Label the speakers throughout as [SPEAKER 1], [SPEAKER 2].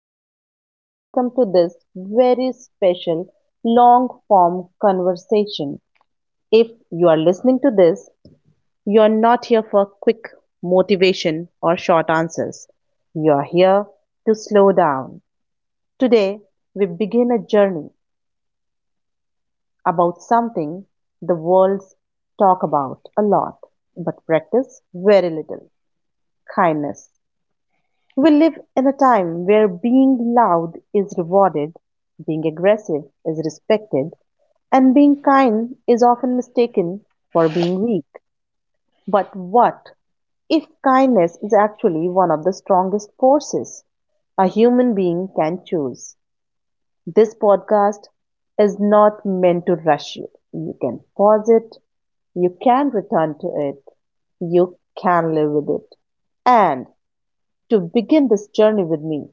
[SPEAKER 1] Deepika, and welcome to this very special long form conversation. If you are listening to this, you are not here for quick motivation or short answers. You are here to slow down. Today, we begin a journey about something the world's talk about a lot, but practice very little kindness. We live in a time where being loud is rewarded, being aggressive is respected, and being kind is often mistaken for being weak. But what if kindness is actually one of the strongest forces a human being can choose? This podcast is not meant to rush you. You can pause it, you can return to it, you can live with it. And to begin this journey with me,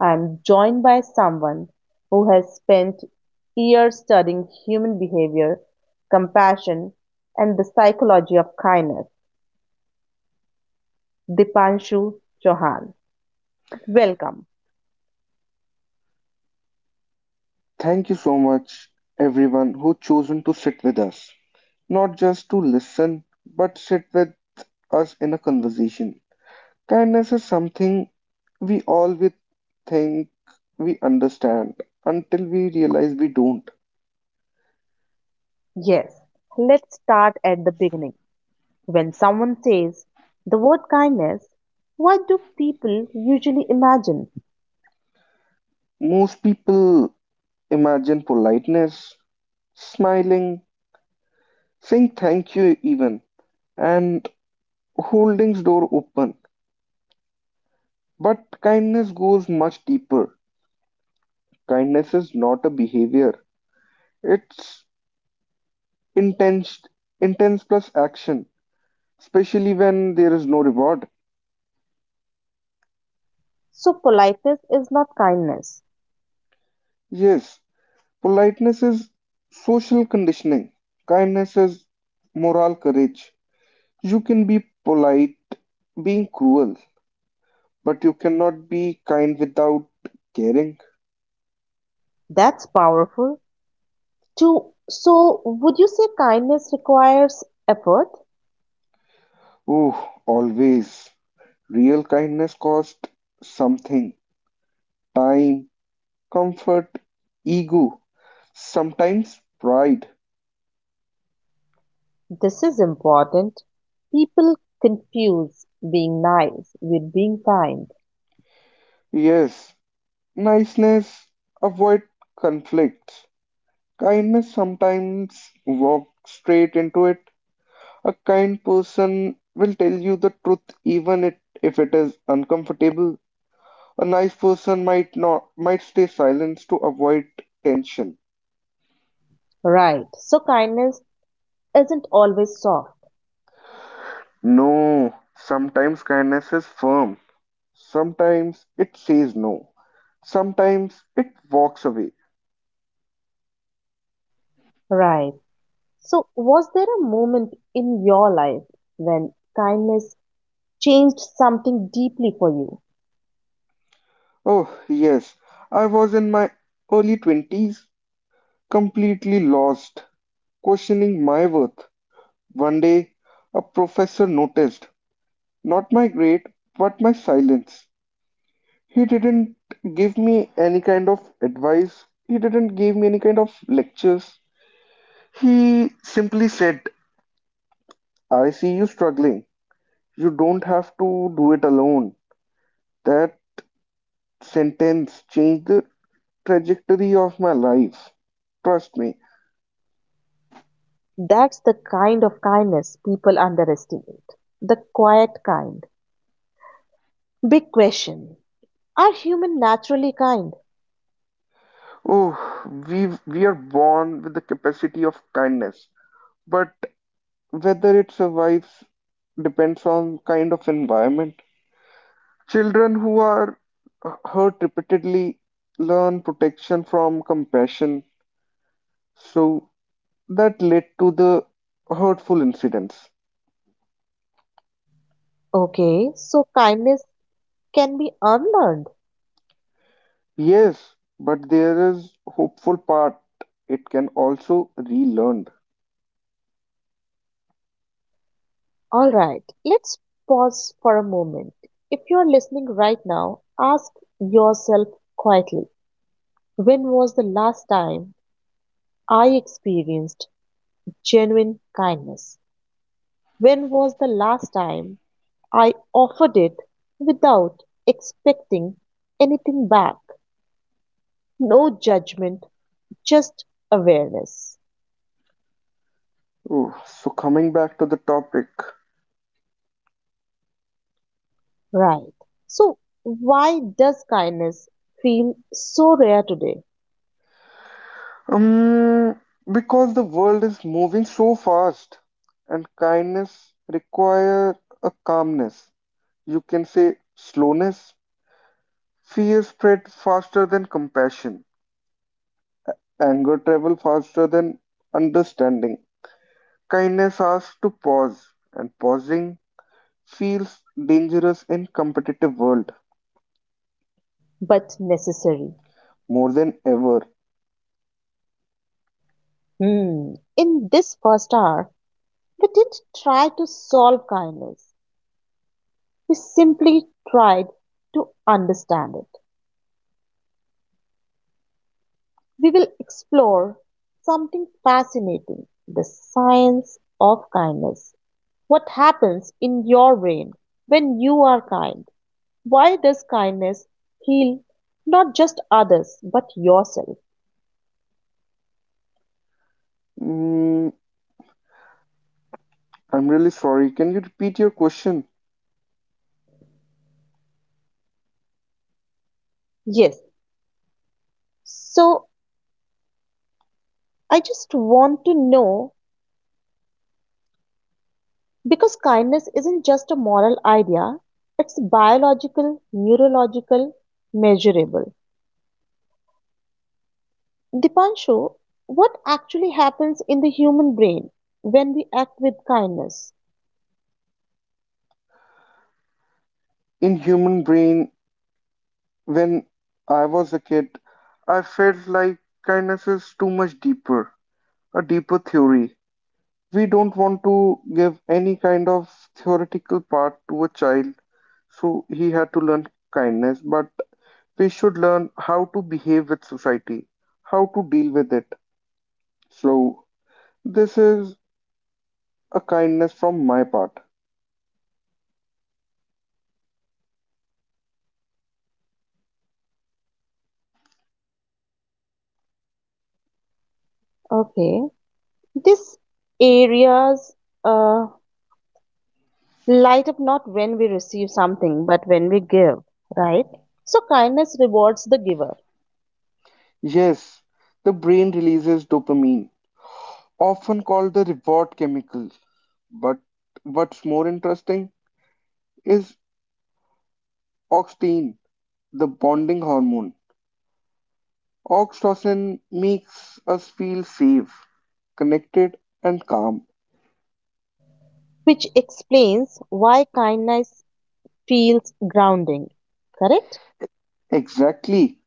[SPEAKER 1] I am joined by someone who has spent years studying human behavior, compassion, and the psychology of kindness, Dipanshu Chauhan. Welcome.
[SPEAKER 2] Thank you so much, everyone who chosen to sit with us, not just to listen, but sit with us in a conversation. Kindness is something we always think we understand until we realize we don't.
[SPEAKER 1] Yes, let's start at the beginning. When someone says the word kindness, what do people usually imagine?
[SPEAKER 2] Most people imagine politeness, smiling, saying thank you even, and holding door open. But kindness goes much deeper. Kindness is not a behavior. It's intense, intense plus action, especially when there is no reward.
[SPEAKER 1] So, politeness is not kindness.
[SPEAKER 2] Yes, politeness is social conditioning. Kindness is moral courage. You can be polite being cruel, but you cannot be kind without caring.
[SPEAKER 1] That's powerful. Too. So, would you say kindness requires effort?
[SPEAKER 2] Oh, always. Real kindness costs something time, comfort, ego, sometimes pride.
[SPEAKER 1] This is important. People confuse being nice with being kind.
[SPEAKER 2] Yes, niceness avoid conflict. Kindness sometimes walks straight into it. A kind person will tell you the truth if it is uncomfortable. A nice person might not might stay silent to avoid tension.
[SPEAKER 1] Right. So kindness isn't always soft.
[SPEAKER 2] No, sometimes kindness is firm. Sometimes it says no. Sometimes it walks away.
[SPEAKER 1] Right. So was there a moment in your life when kindness changed something deeply for you?
[SPEAKER 2] Oh, yes, I was in my early 20s completely lost, questioning my worth. One day, a professor noticed not my grade but my silence. He didn't give me any kind of advice, he didn't give me any kind of lectures. He simply said, I see you struggling. You don't have to do it alone. That sentence changed the trajectory of my life. Trust me.
[SPEAKER 1] That's the kind of kindness people underestimate. The quiet kind. Big question. Are humans naturally kind?
[SPEAKER 2] Oh, we are born with the capacity of kindness. But whether it survives depends on kind of environment. Children who are hurt repeatedly learn protection from compassion, so that led to the hurtful incidents.
[SPEAKER 1] Okay, so kindness can be unlearned.
[SPEAKER 2] Yes, but there is hopeful part. It can also relearned.
[SPEAKER 1] All right, let's pause for a moment. If you're listening right now, ask yourself quietly, when was the last time I experienced genuine kindness? When was the last time I offered it without expecting anything back? No judgment, just awareness.
[SPEAKER 2] Oh, so coming back to the topic,
[SPEAKER 1] Right. So, why does kindness feel so rare today
[SPEAKER 2] Um, because the world is moving so fast, and kindness require a calmness. You can say slowness. Fear spread faster than compassion. Anger travel faster than understanding. Kindness asks to pause, and pausing feels dangerous in competitive world
[SPEAKER 1] but necessary?
[SPEAKER 2] more than ever.
[SPEAKER 1] Hmm. In this first hour, we didn't try to solve kindness. We simply tried to understand it. We will explore something fascinating, the science of kindness. What happens in your brain when you are kind? Why does kindness heal not just others but yourself?
[SPEAKER 2] Mm, I'm really sorry. Can you repeat your question?
[SPEAKER 1] Yes, so I just want to know. Because kindness isn't just a moral idea, it's biological, neurological, measurable. Dipanshu, what actually happens in the human brain when we act with kindness?
[SPEAKER 2] In human brain, when I was a kid, I felt like kindness is too much deeper, a deeper theory. We don't want to give any kind of theoretical part to a child, so he had to learn kindness, but we should learn how to behave with society, how to deal with it. So, this is a kindness from my part.
[SPEAKER 1] Okay, these areas uh, light up not when we receive something, but when we give, right? So, kindness rewards the giver,
[SPEAKER 2] Yes, the brain releases dopamine, often called the reward chemical. But what's more interesting is oxytocin, the bonding hormone. Oxytocin makes us feel safe, connected, and calm.
[SPEAKER 1] which explains why kindness feels grounding, correct?
[SPEAKER 2] Exactly.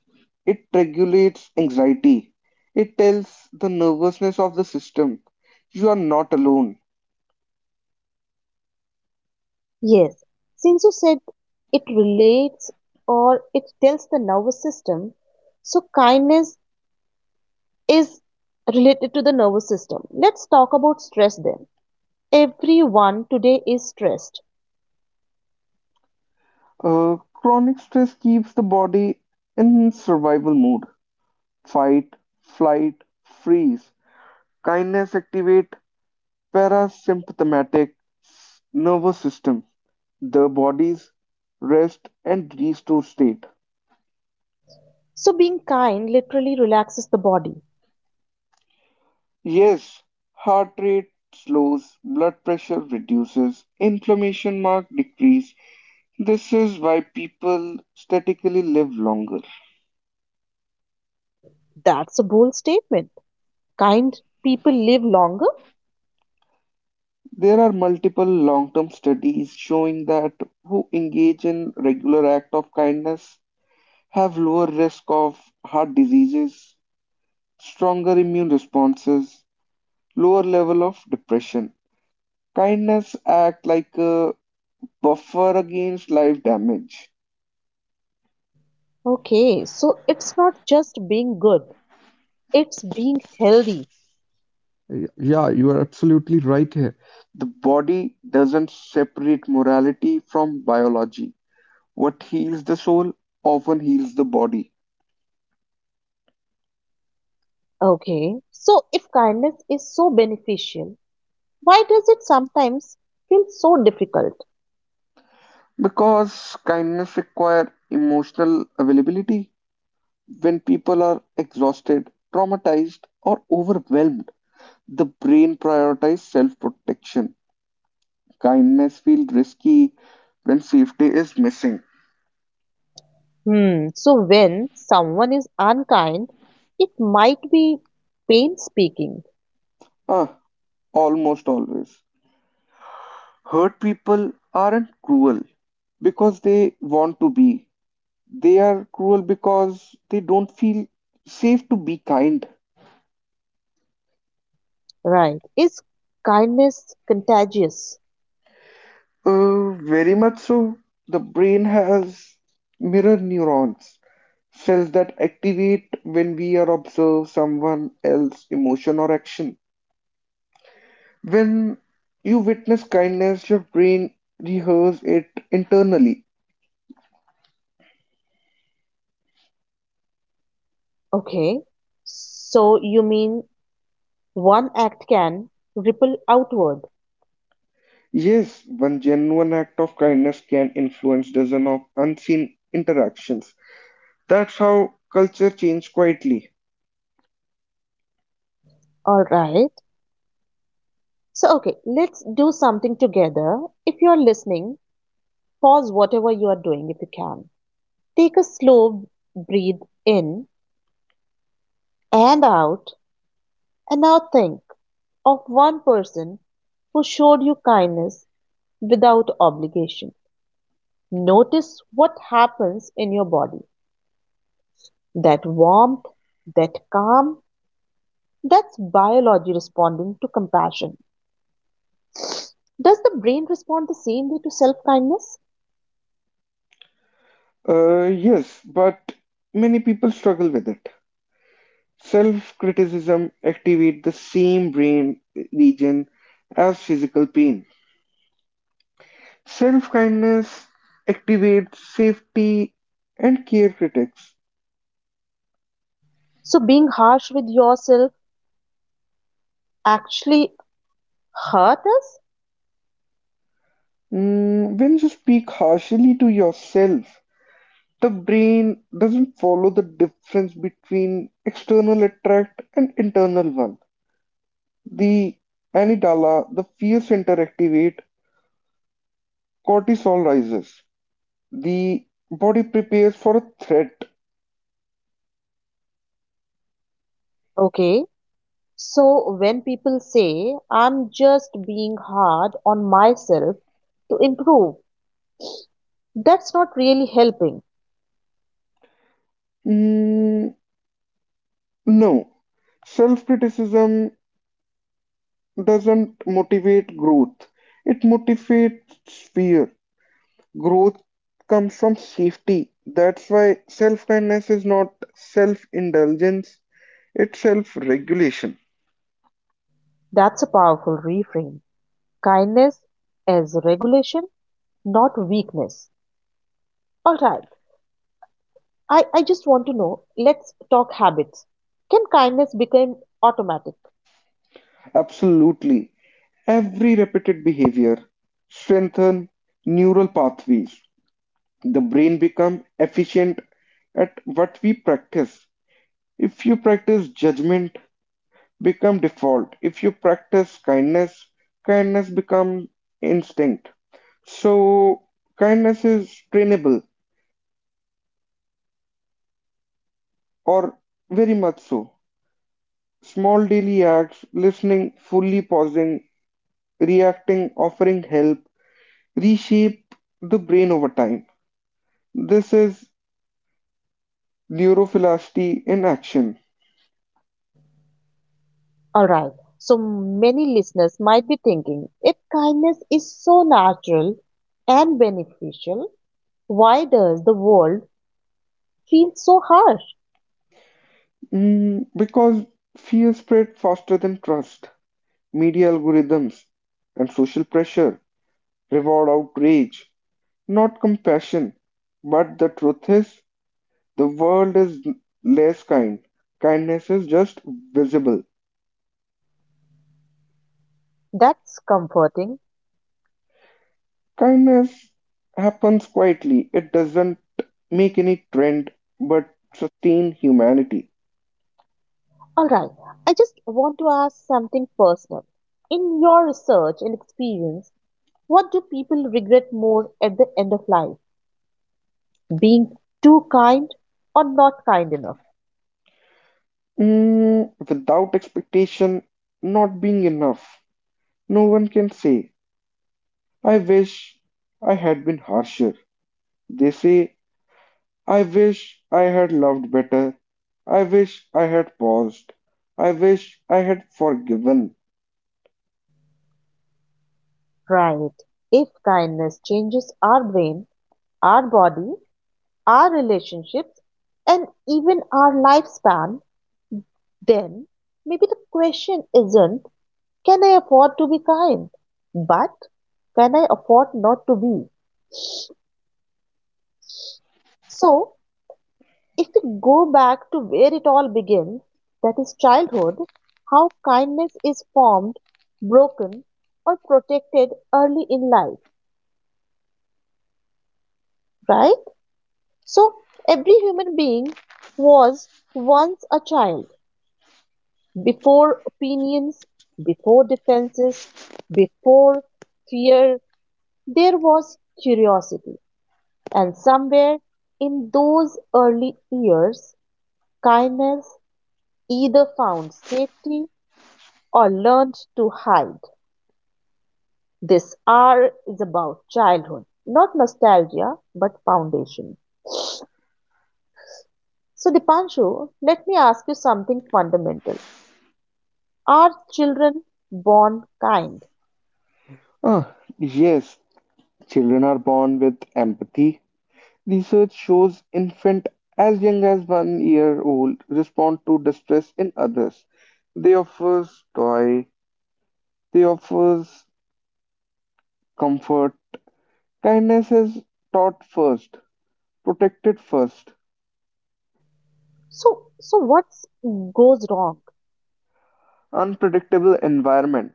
[SPEAKER 2] It regulates anxiety. It tells the nervousness of the system you are not alone.
[SPEAKER 1] Yes, since you said it relates or it tells the nervous system, so kindness is related to the nervous system. Let's talk about stress then. Everyone today is stressed.
[SPEAKER 2] Chronic stress keeps the body in survival mode fight, flight, freeze. Kindness activate parasympathetic nervous system the body's rest and restore state.
[SPEAKER 1] So being kind literally relaxes the body.
[SPEAKER 2] Yes, heart rate slows, blood pressure reduces, inflammation mark decrease. This is why people statically live longer.
[SPEAKER 1] That's a bold statement. Kind people live longer?
[SPEAKER 2] There are multiple long-term studies showing that who engage in regular act of kindness have lower risk of heart diseases, stronger immune responses, lower level of depression. Kindness act like a buffer against life damage.
[SPEAKER 1] Okay, so it's not just being good, it's being healthy.
[SPEAKER 2] Yeah, you are absolutely right here. The body doesn't separate morality from biology. What heals the soul often heals the body.
[SPEAKER 1] Okay, so if kindness is so beneficial, why does it sometimes feel so difficult?
[SPEAKER 2] Because kindness requires emotional availability. When people are exhausted, traumatized, or overwhelmed, the brain prioritizes self protection. Kindness feels risky when safety is missing.
[SPEAKER 1] Hmm. So when someone is unkind, it might be pain speaking.
[SPEAKER 2] Ah, almost always. Hurt people aren't cruel because they want to be. They are cruel because they don't feel safe to be kind.
[SPEAKER 1] Right. Is kindness contagious?
[SPEAKER 2] Very much so. The brain has mirror neurons, cells that activate when we are observe someone else's emotion or action. When you witness kindness, your brain rehearses it internally.
[SPEAKER 1] Okay. So you mean one act can ripple outward.
[SPEAKER 2] Yes, one genuine act of kindness can influence dozens of unseen interactions. That's how culture changes quietly.
[SPEAKER 1] All right. So, okay, let's do something together. If you are listening, pause whatever you are doing if you can. Take a slow breathe in and out, and now think of one person who showed you kindness without obligation. Notice what happens in your body. That warmth, that calm, that's biology responding to compassion. Does the brain respond the same way to self kindness?
[SPEAKER 2] Yes, but many people struggle with it. Self-criticism activates the same brain region as physical pain. Self-kindness activates safety and care critics.
[SPEAKER 1] So, being harsh with yourself actually hurt us?
[SPEAKER 2] When you speak harshly to yourself, the brain doesn't follow the difference between external attract and internal one. The amygdala, the fear center activate, cortisol rises. The body prepares for a threat.
[SPEAKER 1] Okay. So, when people say, I'm just being hard on myself to improve, that's not really helping.
[SPEAKER 2] Mm, no, self-criticism doesn't motivate growth. It motivates fear. Growth comes from safety. That's why self-kindness is not self-indulgence, it's self-regulation.
[SPEAKER 1] That's a powerful reframe. Kindness as regulation, not weakness. All right. I just want to know, let's talk habits. Can kindness become automatic?
[SPEAKER 2] Absolutely. Every repeated behavior strengthens neural pathways. The brain becomes efficient at what we practice. If you practice judgment, become default. If you practice kindness, kindness becomes instinct. So kindness is trainable or very much so. Small daily acts, listening, fully pausing, reacting, offering help, reshape the brain over time. This is neurophilicity in action.
[SPEAKER 1] All right. So many listeners might be thinking, if kindness is so natural and beneficial, why does the world feel so harsh?
[SPEAKER 2] Because fear spread faster than trust. Media algorithms and social pressure reward outrage, not compassion. But the truth is, the world is less kind. Kindness is just visible.
[SPEAKER 1] That's comforting.
[SPEAKER 2] Kindness happens quietly. It doesn't make any trend but sustain humanity.
[SPEAKER 1] All right. I just want to ask something personal. In your research and experience, what do people regret more at the end of life? Being too kind or not kind enough?
[SPEAKER 2] Mm, without expectation not being enough. No one can say, "I wish I had been harsher." They say, "I wish I had loved better. I wish I had paused. I wish I had forgiven."
[SPEAKER 1] Right. If kindness changes our brain, our body, our relationships, and even our lifespan, then maybe the question isn't can I afford to be kind, but can I afford not to be? So if we go back to where it all begins, that is childhood, how kindness is formed, broken, or protected early in life, right? So, every human being was once a child. Before opinions, before defenses, before fear, there was curiosity. And somewhere in those early years, kindness either found safety or learned to hide. This R is about childhood, not nostalgia, but foundation. So, Dipanshu, let me ask you something fundamental. Are children born kind?
[SPEAKER 2] Ah, yes, children are born with empathy. Research shows infants as young as 1 year old respond to distress in others. They offer joy, they offer comfort. Kindness is taught first, protected first.
[SPEAKER 1] So, so what goes wrong?
[SPEAKER 2] Unpredictable environment,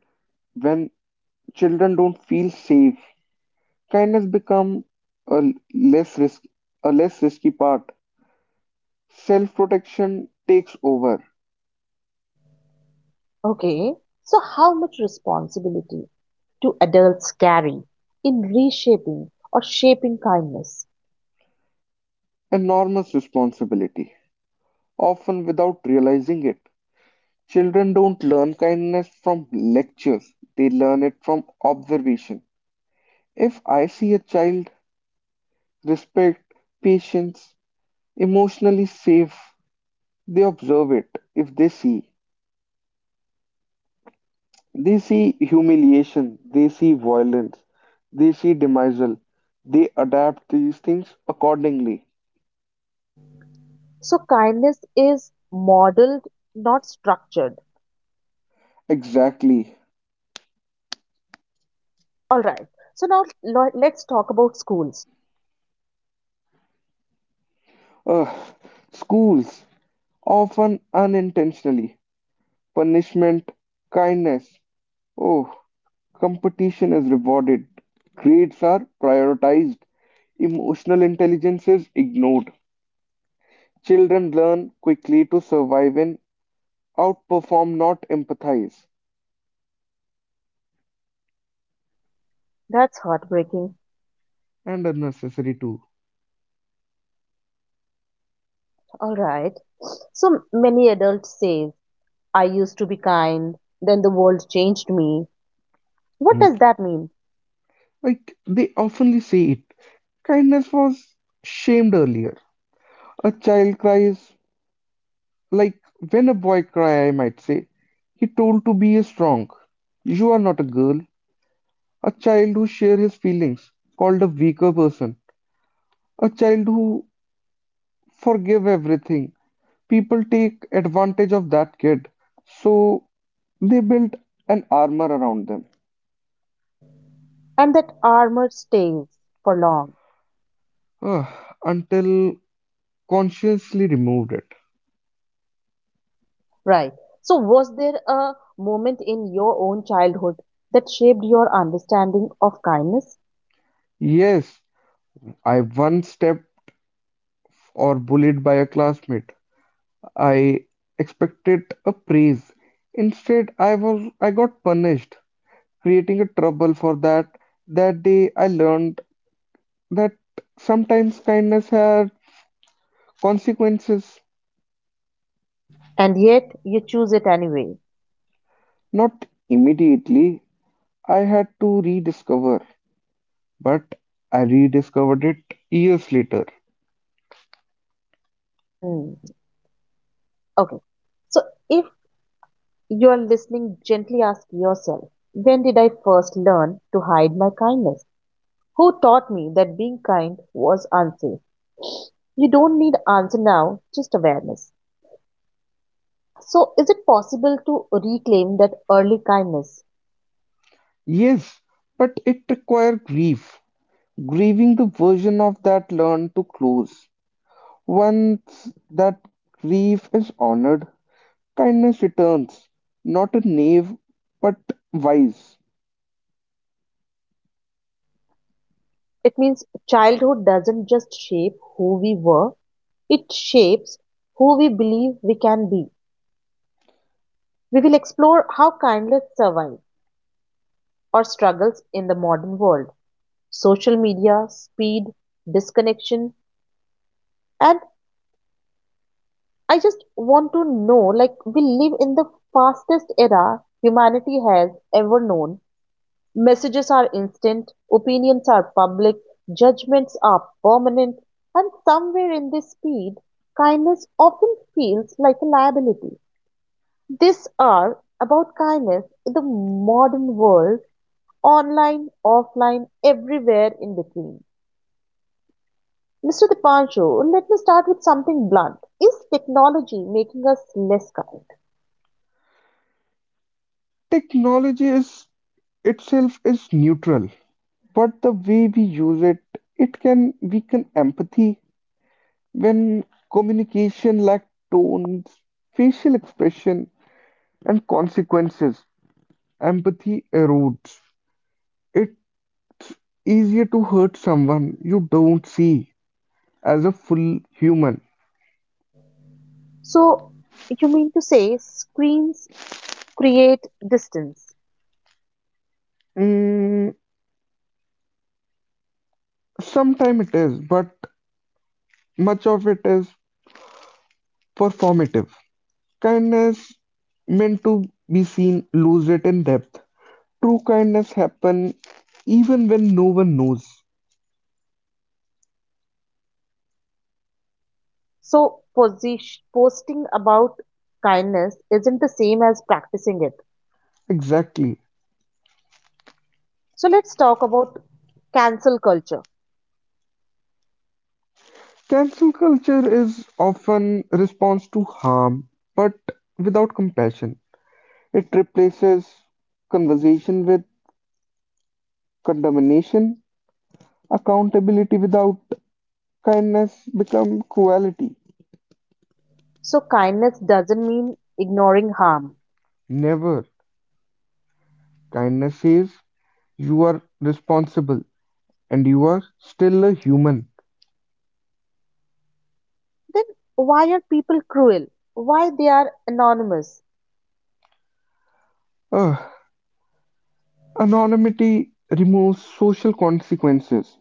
[SPEAKER 2] when children don't feel safe, kindness become a less risk a less risky part. Self-protection takes over
[SPEAKER 1] Okay. So, how much responsibility do adults carry in reshaping or shaping kindness?
[SPEAKER 2] enormous responsibility, often without realizing it. Children don't learn kindness from lectures, they learn it from observation. If I see a child respect, patience, emotionally safe, they observe it if they see. They see humiliation, they see violence, they see demisal. They adapt these things accordingly.
[SPEAKER 1] So, kindness is modeled, not structured.
[SPEAKER 2] Exactly.
[SPEAKER 1] All right. So, now let's talk about schools.
[SPEAKER 2] Ugh. Schools, often unintentionally. Punishment, kindness. Oh, competition is rewarded. Grades are prioritized. Emotional intelligence is ignored. Children learn quickly to survive and outperform, not empathize.
[SPEAKER 1] That's heartbreaking.
[SPEAKER 2] And unnecessary too.
[SPEAKER 1] All right. So many adults say, I used to be kind, then the world changed me. What
[SPEAKER 2] Hmm.
[SPEAKER 1] does that mean?
[SPEAKER 2] Like they oftenly say it. Kindness was shamed earlier. A child cries, like when a boy cry, I might say, he told to be a strong. You are not a girl. A child who share his feelings, called a weaker person. A child who forgive everything. People take advantage of that kid. So they built an armor around them.
[SPEAKER 1] And that armor stays for long.
[SPEAKER 2] Ugh, until consciously removed it.
[SPEAKER 1] Right. So was there a moment in your own childhood that shaped your understanding of kindness?
[SPEAKER 2] Yes, I once stepped or bullied by a classmate. I expected a praise. Instead, I got punished, creating a trouble for that. That day, I learned that sometimes kindness had consequences.
[SPEAKER 1] And yet you choose it anyway.
[SPEAKER 2] Not immediately, I had to rediscover, but I rediscovered it years later.
[SPEAKER 1] Hmm. Okay. So if you're listening, gently ask yourself, when did I first learn to hide my kindness? Who taught me that being kind was unsafe? You don't need answer now, just awareness. So, is it possible to reclaim that early kindness?
[SPEAKER 2] Yes, but it required grief, grieving the version of that learned to close. Once that grief is honored, kindness returns, not a knave, but wise.
[SPEAKER 1] It means childhood doesn't just shape who we were, it shapes who we believe we can be. We will explore how kindness survives or struggles in the modern world. Social media, speed, disconnection, and I just want to know, like, we live in the fastest era humanity has ever known. Messages are instant, opinions are public, judgments are permanent, and somewhere in this speed, kindness often feels like a liability. This hour about kindness in the modern world, online, offline, everywhere in between. Mr. Dipanshu, let me start with something blunt. Is technology making us less kind?
[SPEAKER 2] Technology is itself is neutral, but the way we use it, it can weaken empathy when communication lacks tones, facial expression, and consequences. Empathy erodes. It's easier to hurt someone you don't see as a full human.
[SPEAKER 1] So you mean to say screens create distance.
[SPEAKER 2] Mm, Sometimes it is, but much of it is performative. Kindness meant to be seen lose it in depth. True kindness happen even when no one knows.
[SPEAKER 1] So posting about kindness isn't the same as practicing it.
[SPEAKER 2] Exactly.
[SPEAKER 1] So let's talk about cancel culture.
[SPEAKER 2] Cancel culture is often response to harm, but without compassion. It replaces conversation with condemnation. Accountability without kindness become cruelty.
[SPEAKER 1] So kindness doesn't mean ignoring harm.
[SPEAKER 2] Never. Kindness says you are responsible, and you are still a human.
[SPEAKER 1] Then why are people cruel? Why they are anonymous?
[SPEAKER 2] Ugh. Anonymity removes social consequences.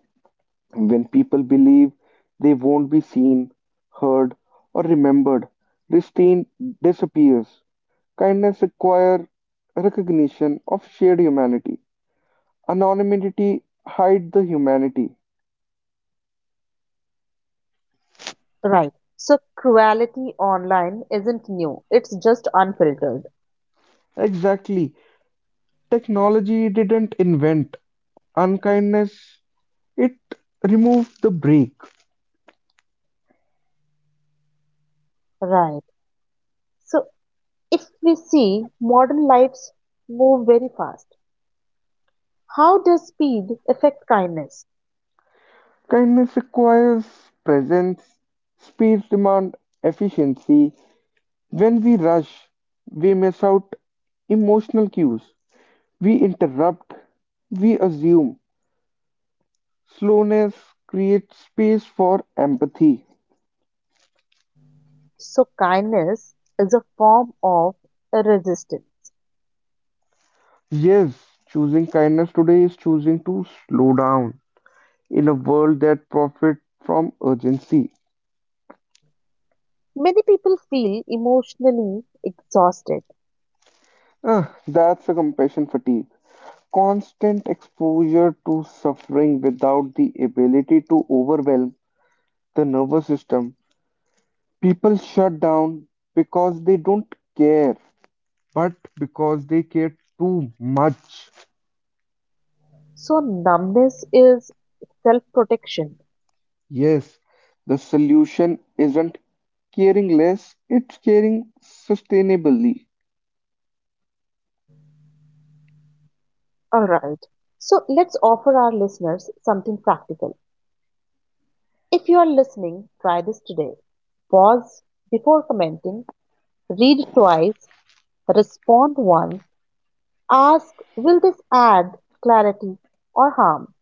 [SPEAKER 2] When people believe they won't be seen, heard, or remembered, disdain disappears. Kindness requires recognition of shared humanity. Anonymity hides the humanity.
[SPEAKER 1] Right. So cruelty online isn't new. It's just unfiltered.
[SPEAKER 2] Exactly. Technology didn't invent unkindness, it removed the break.
[SPEAKER 1] Right. So if we see modern lives move very fast, how does speed affect kindness?
[SPEAKER 2] Kindness requires presence. Speed demand efficiency. When we rush, we miss out emotional cues. We interrupt. We assume. Slowness creates space for empathy.
[SPEAKER 1] So, kindness is a form of resistance.
[SPEAKER 2] Yes, choosing kindness today is choosing to slow down in a world that profits from urgency.
[SPEAKER 1] Many people feel emotionally exhausted.
[SPEAKER 2] Ah, that's a compassion fatigue. Constant exposure to suffering without the ability to overwhelm the nervous system. People shut down because they don't care, but because they care too much.
[SPEAKER 1] So, numbness is self protection.
[SPEAKER 2] Yes, the solution isn't caring less, it's caring sustainably.
[SPEAKER 1] Alright. So, let's offer our listeners something practical. If you are listening, try this today. Pause before commenting, read twice, respond once, ask, will this add clarity or harm?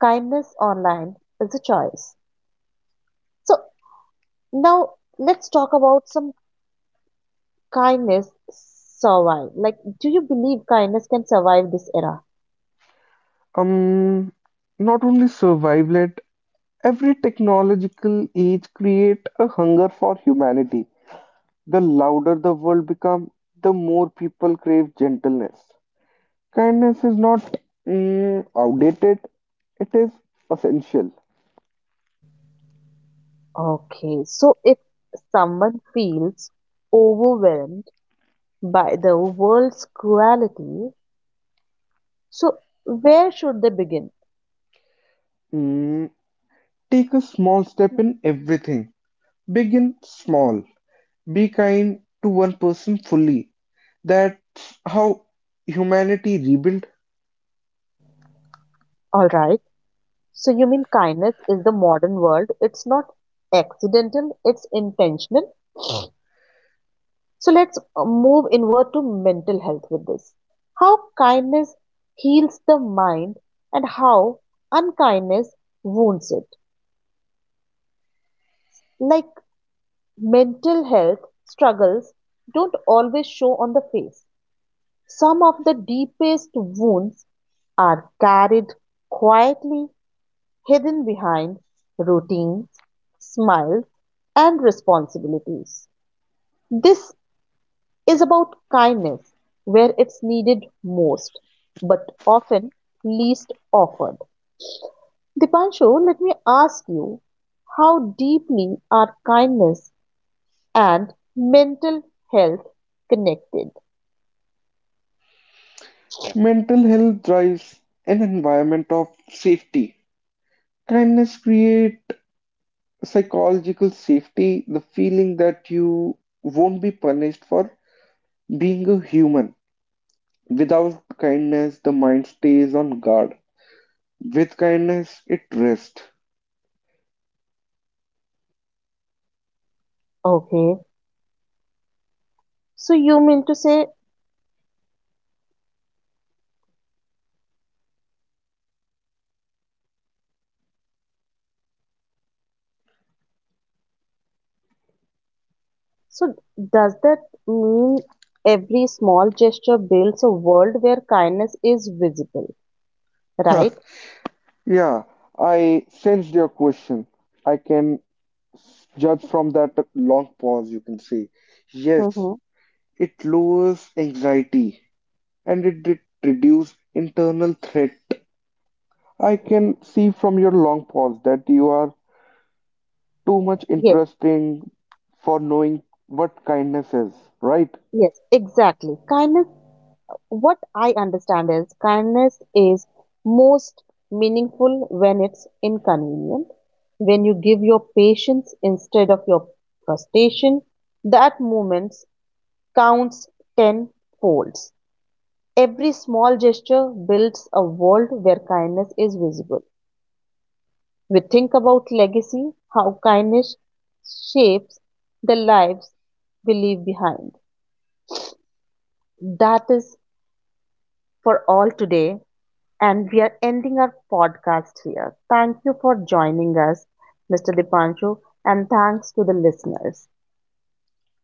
[SPEAKER 1] Kindness online is a choice. So now let's talk about some kindness survive. Like, do you believe kindness can survive this era?
[SPEAKER 2] Um, not only survival it, every technological age create a hunger for humanity. The louder the world become, the more people crave gentleness. Kindness is not outdated, it is essential.
[SPEAKER 1] Okay, so if someone feels overwhelmed by the world's cruelty, so where should they begin?
[SPEAKER 2] Mm, take a small step in everything. Begin small. Be kind to one person fully. That's how humanity rebuilt.
[SPEAKER 1] All right. So you mean kindness is the modern world? It's not accidental. It's intentional. So let's move inward to mental health with this. How kindness heals the mind and how unkindness wounds it. Like, mental health struggles don't always show on the face. Some of the deepest wounds are carried quietly, hidden behind routines, smiles, and responsibilities. This is about kindness where it's needed most, but often least offered. Dipanshu, let me ask you, how deeply are kindness and mental health connected?
[SPEAKER 2] Mental health drives an environment of safety. Kindness create psychological safety, the feeling that you won't be punished for being a human. Without kindness, the mind stays on guard. With kindness, it rests.
[SPEAKER 1] Okay, so you mean to say, so does that mean every small gesture builds a world where kindness is visible, right?
[SPEAKER 2] Yeah, I sensed your question. I can judge from that long pause, you can say. Yes,
[SPEAKER 1] Mm-hmm.
[SPEAKER 2] it lowers anxiety and it did reduce internal threat. I can see from your long pause that you are too much
[SPEAKER 1] Yes,
[SPEAKER 2] interesting for knowing what kindness is, right?
[SPEAKER 1] yes, exactly. Kindness, what I understand is kindness is most meaningful when it's inconvenient, when you give your patience instead of your frustration. That moment counts ten folds. Every small gesture builds a world where kindness is visible. We think about legacy, how kindness shapes the lives we leave behind. That is for all today. And we are ending our podcast here. Thank you for joining us, Mr. Dipanshu, and thanks to the listeners.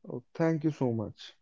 [SPEAKER 2] Oh, thank you so much.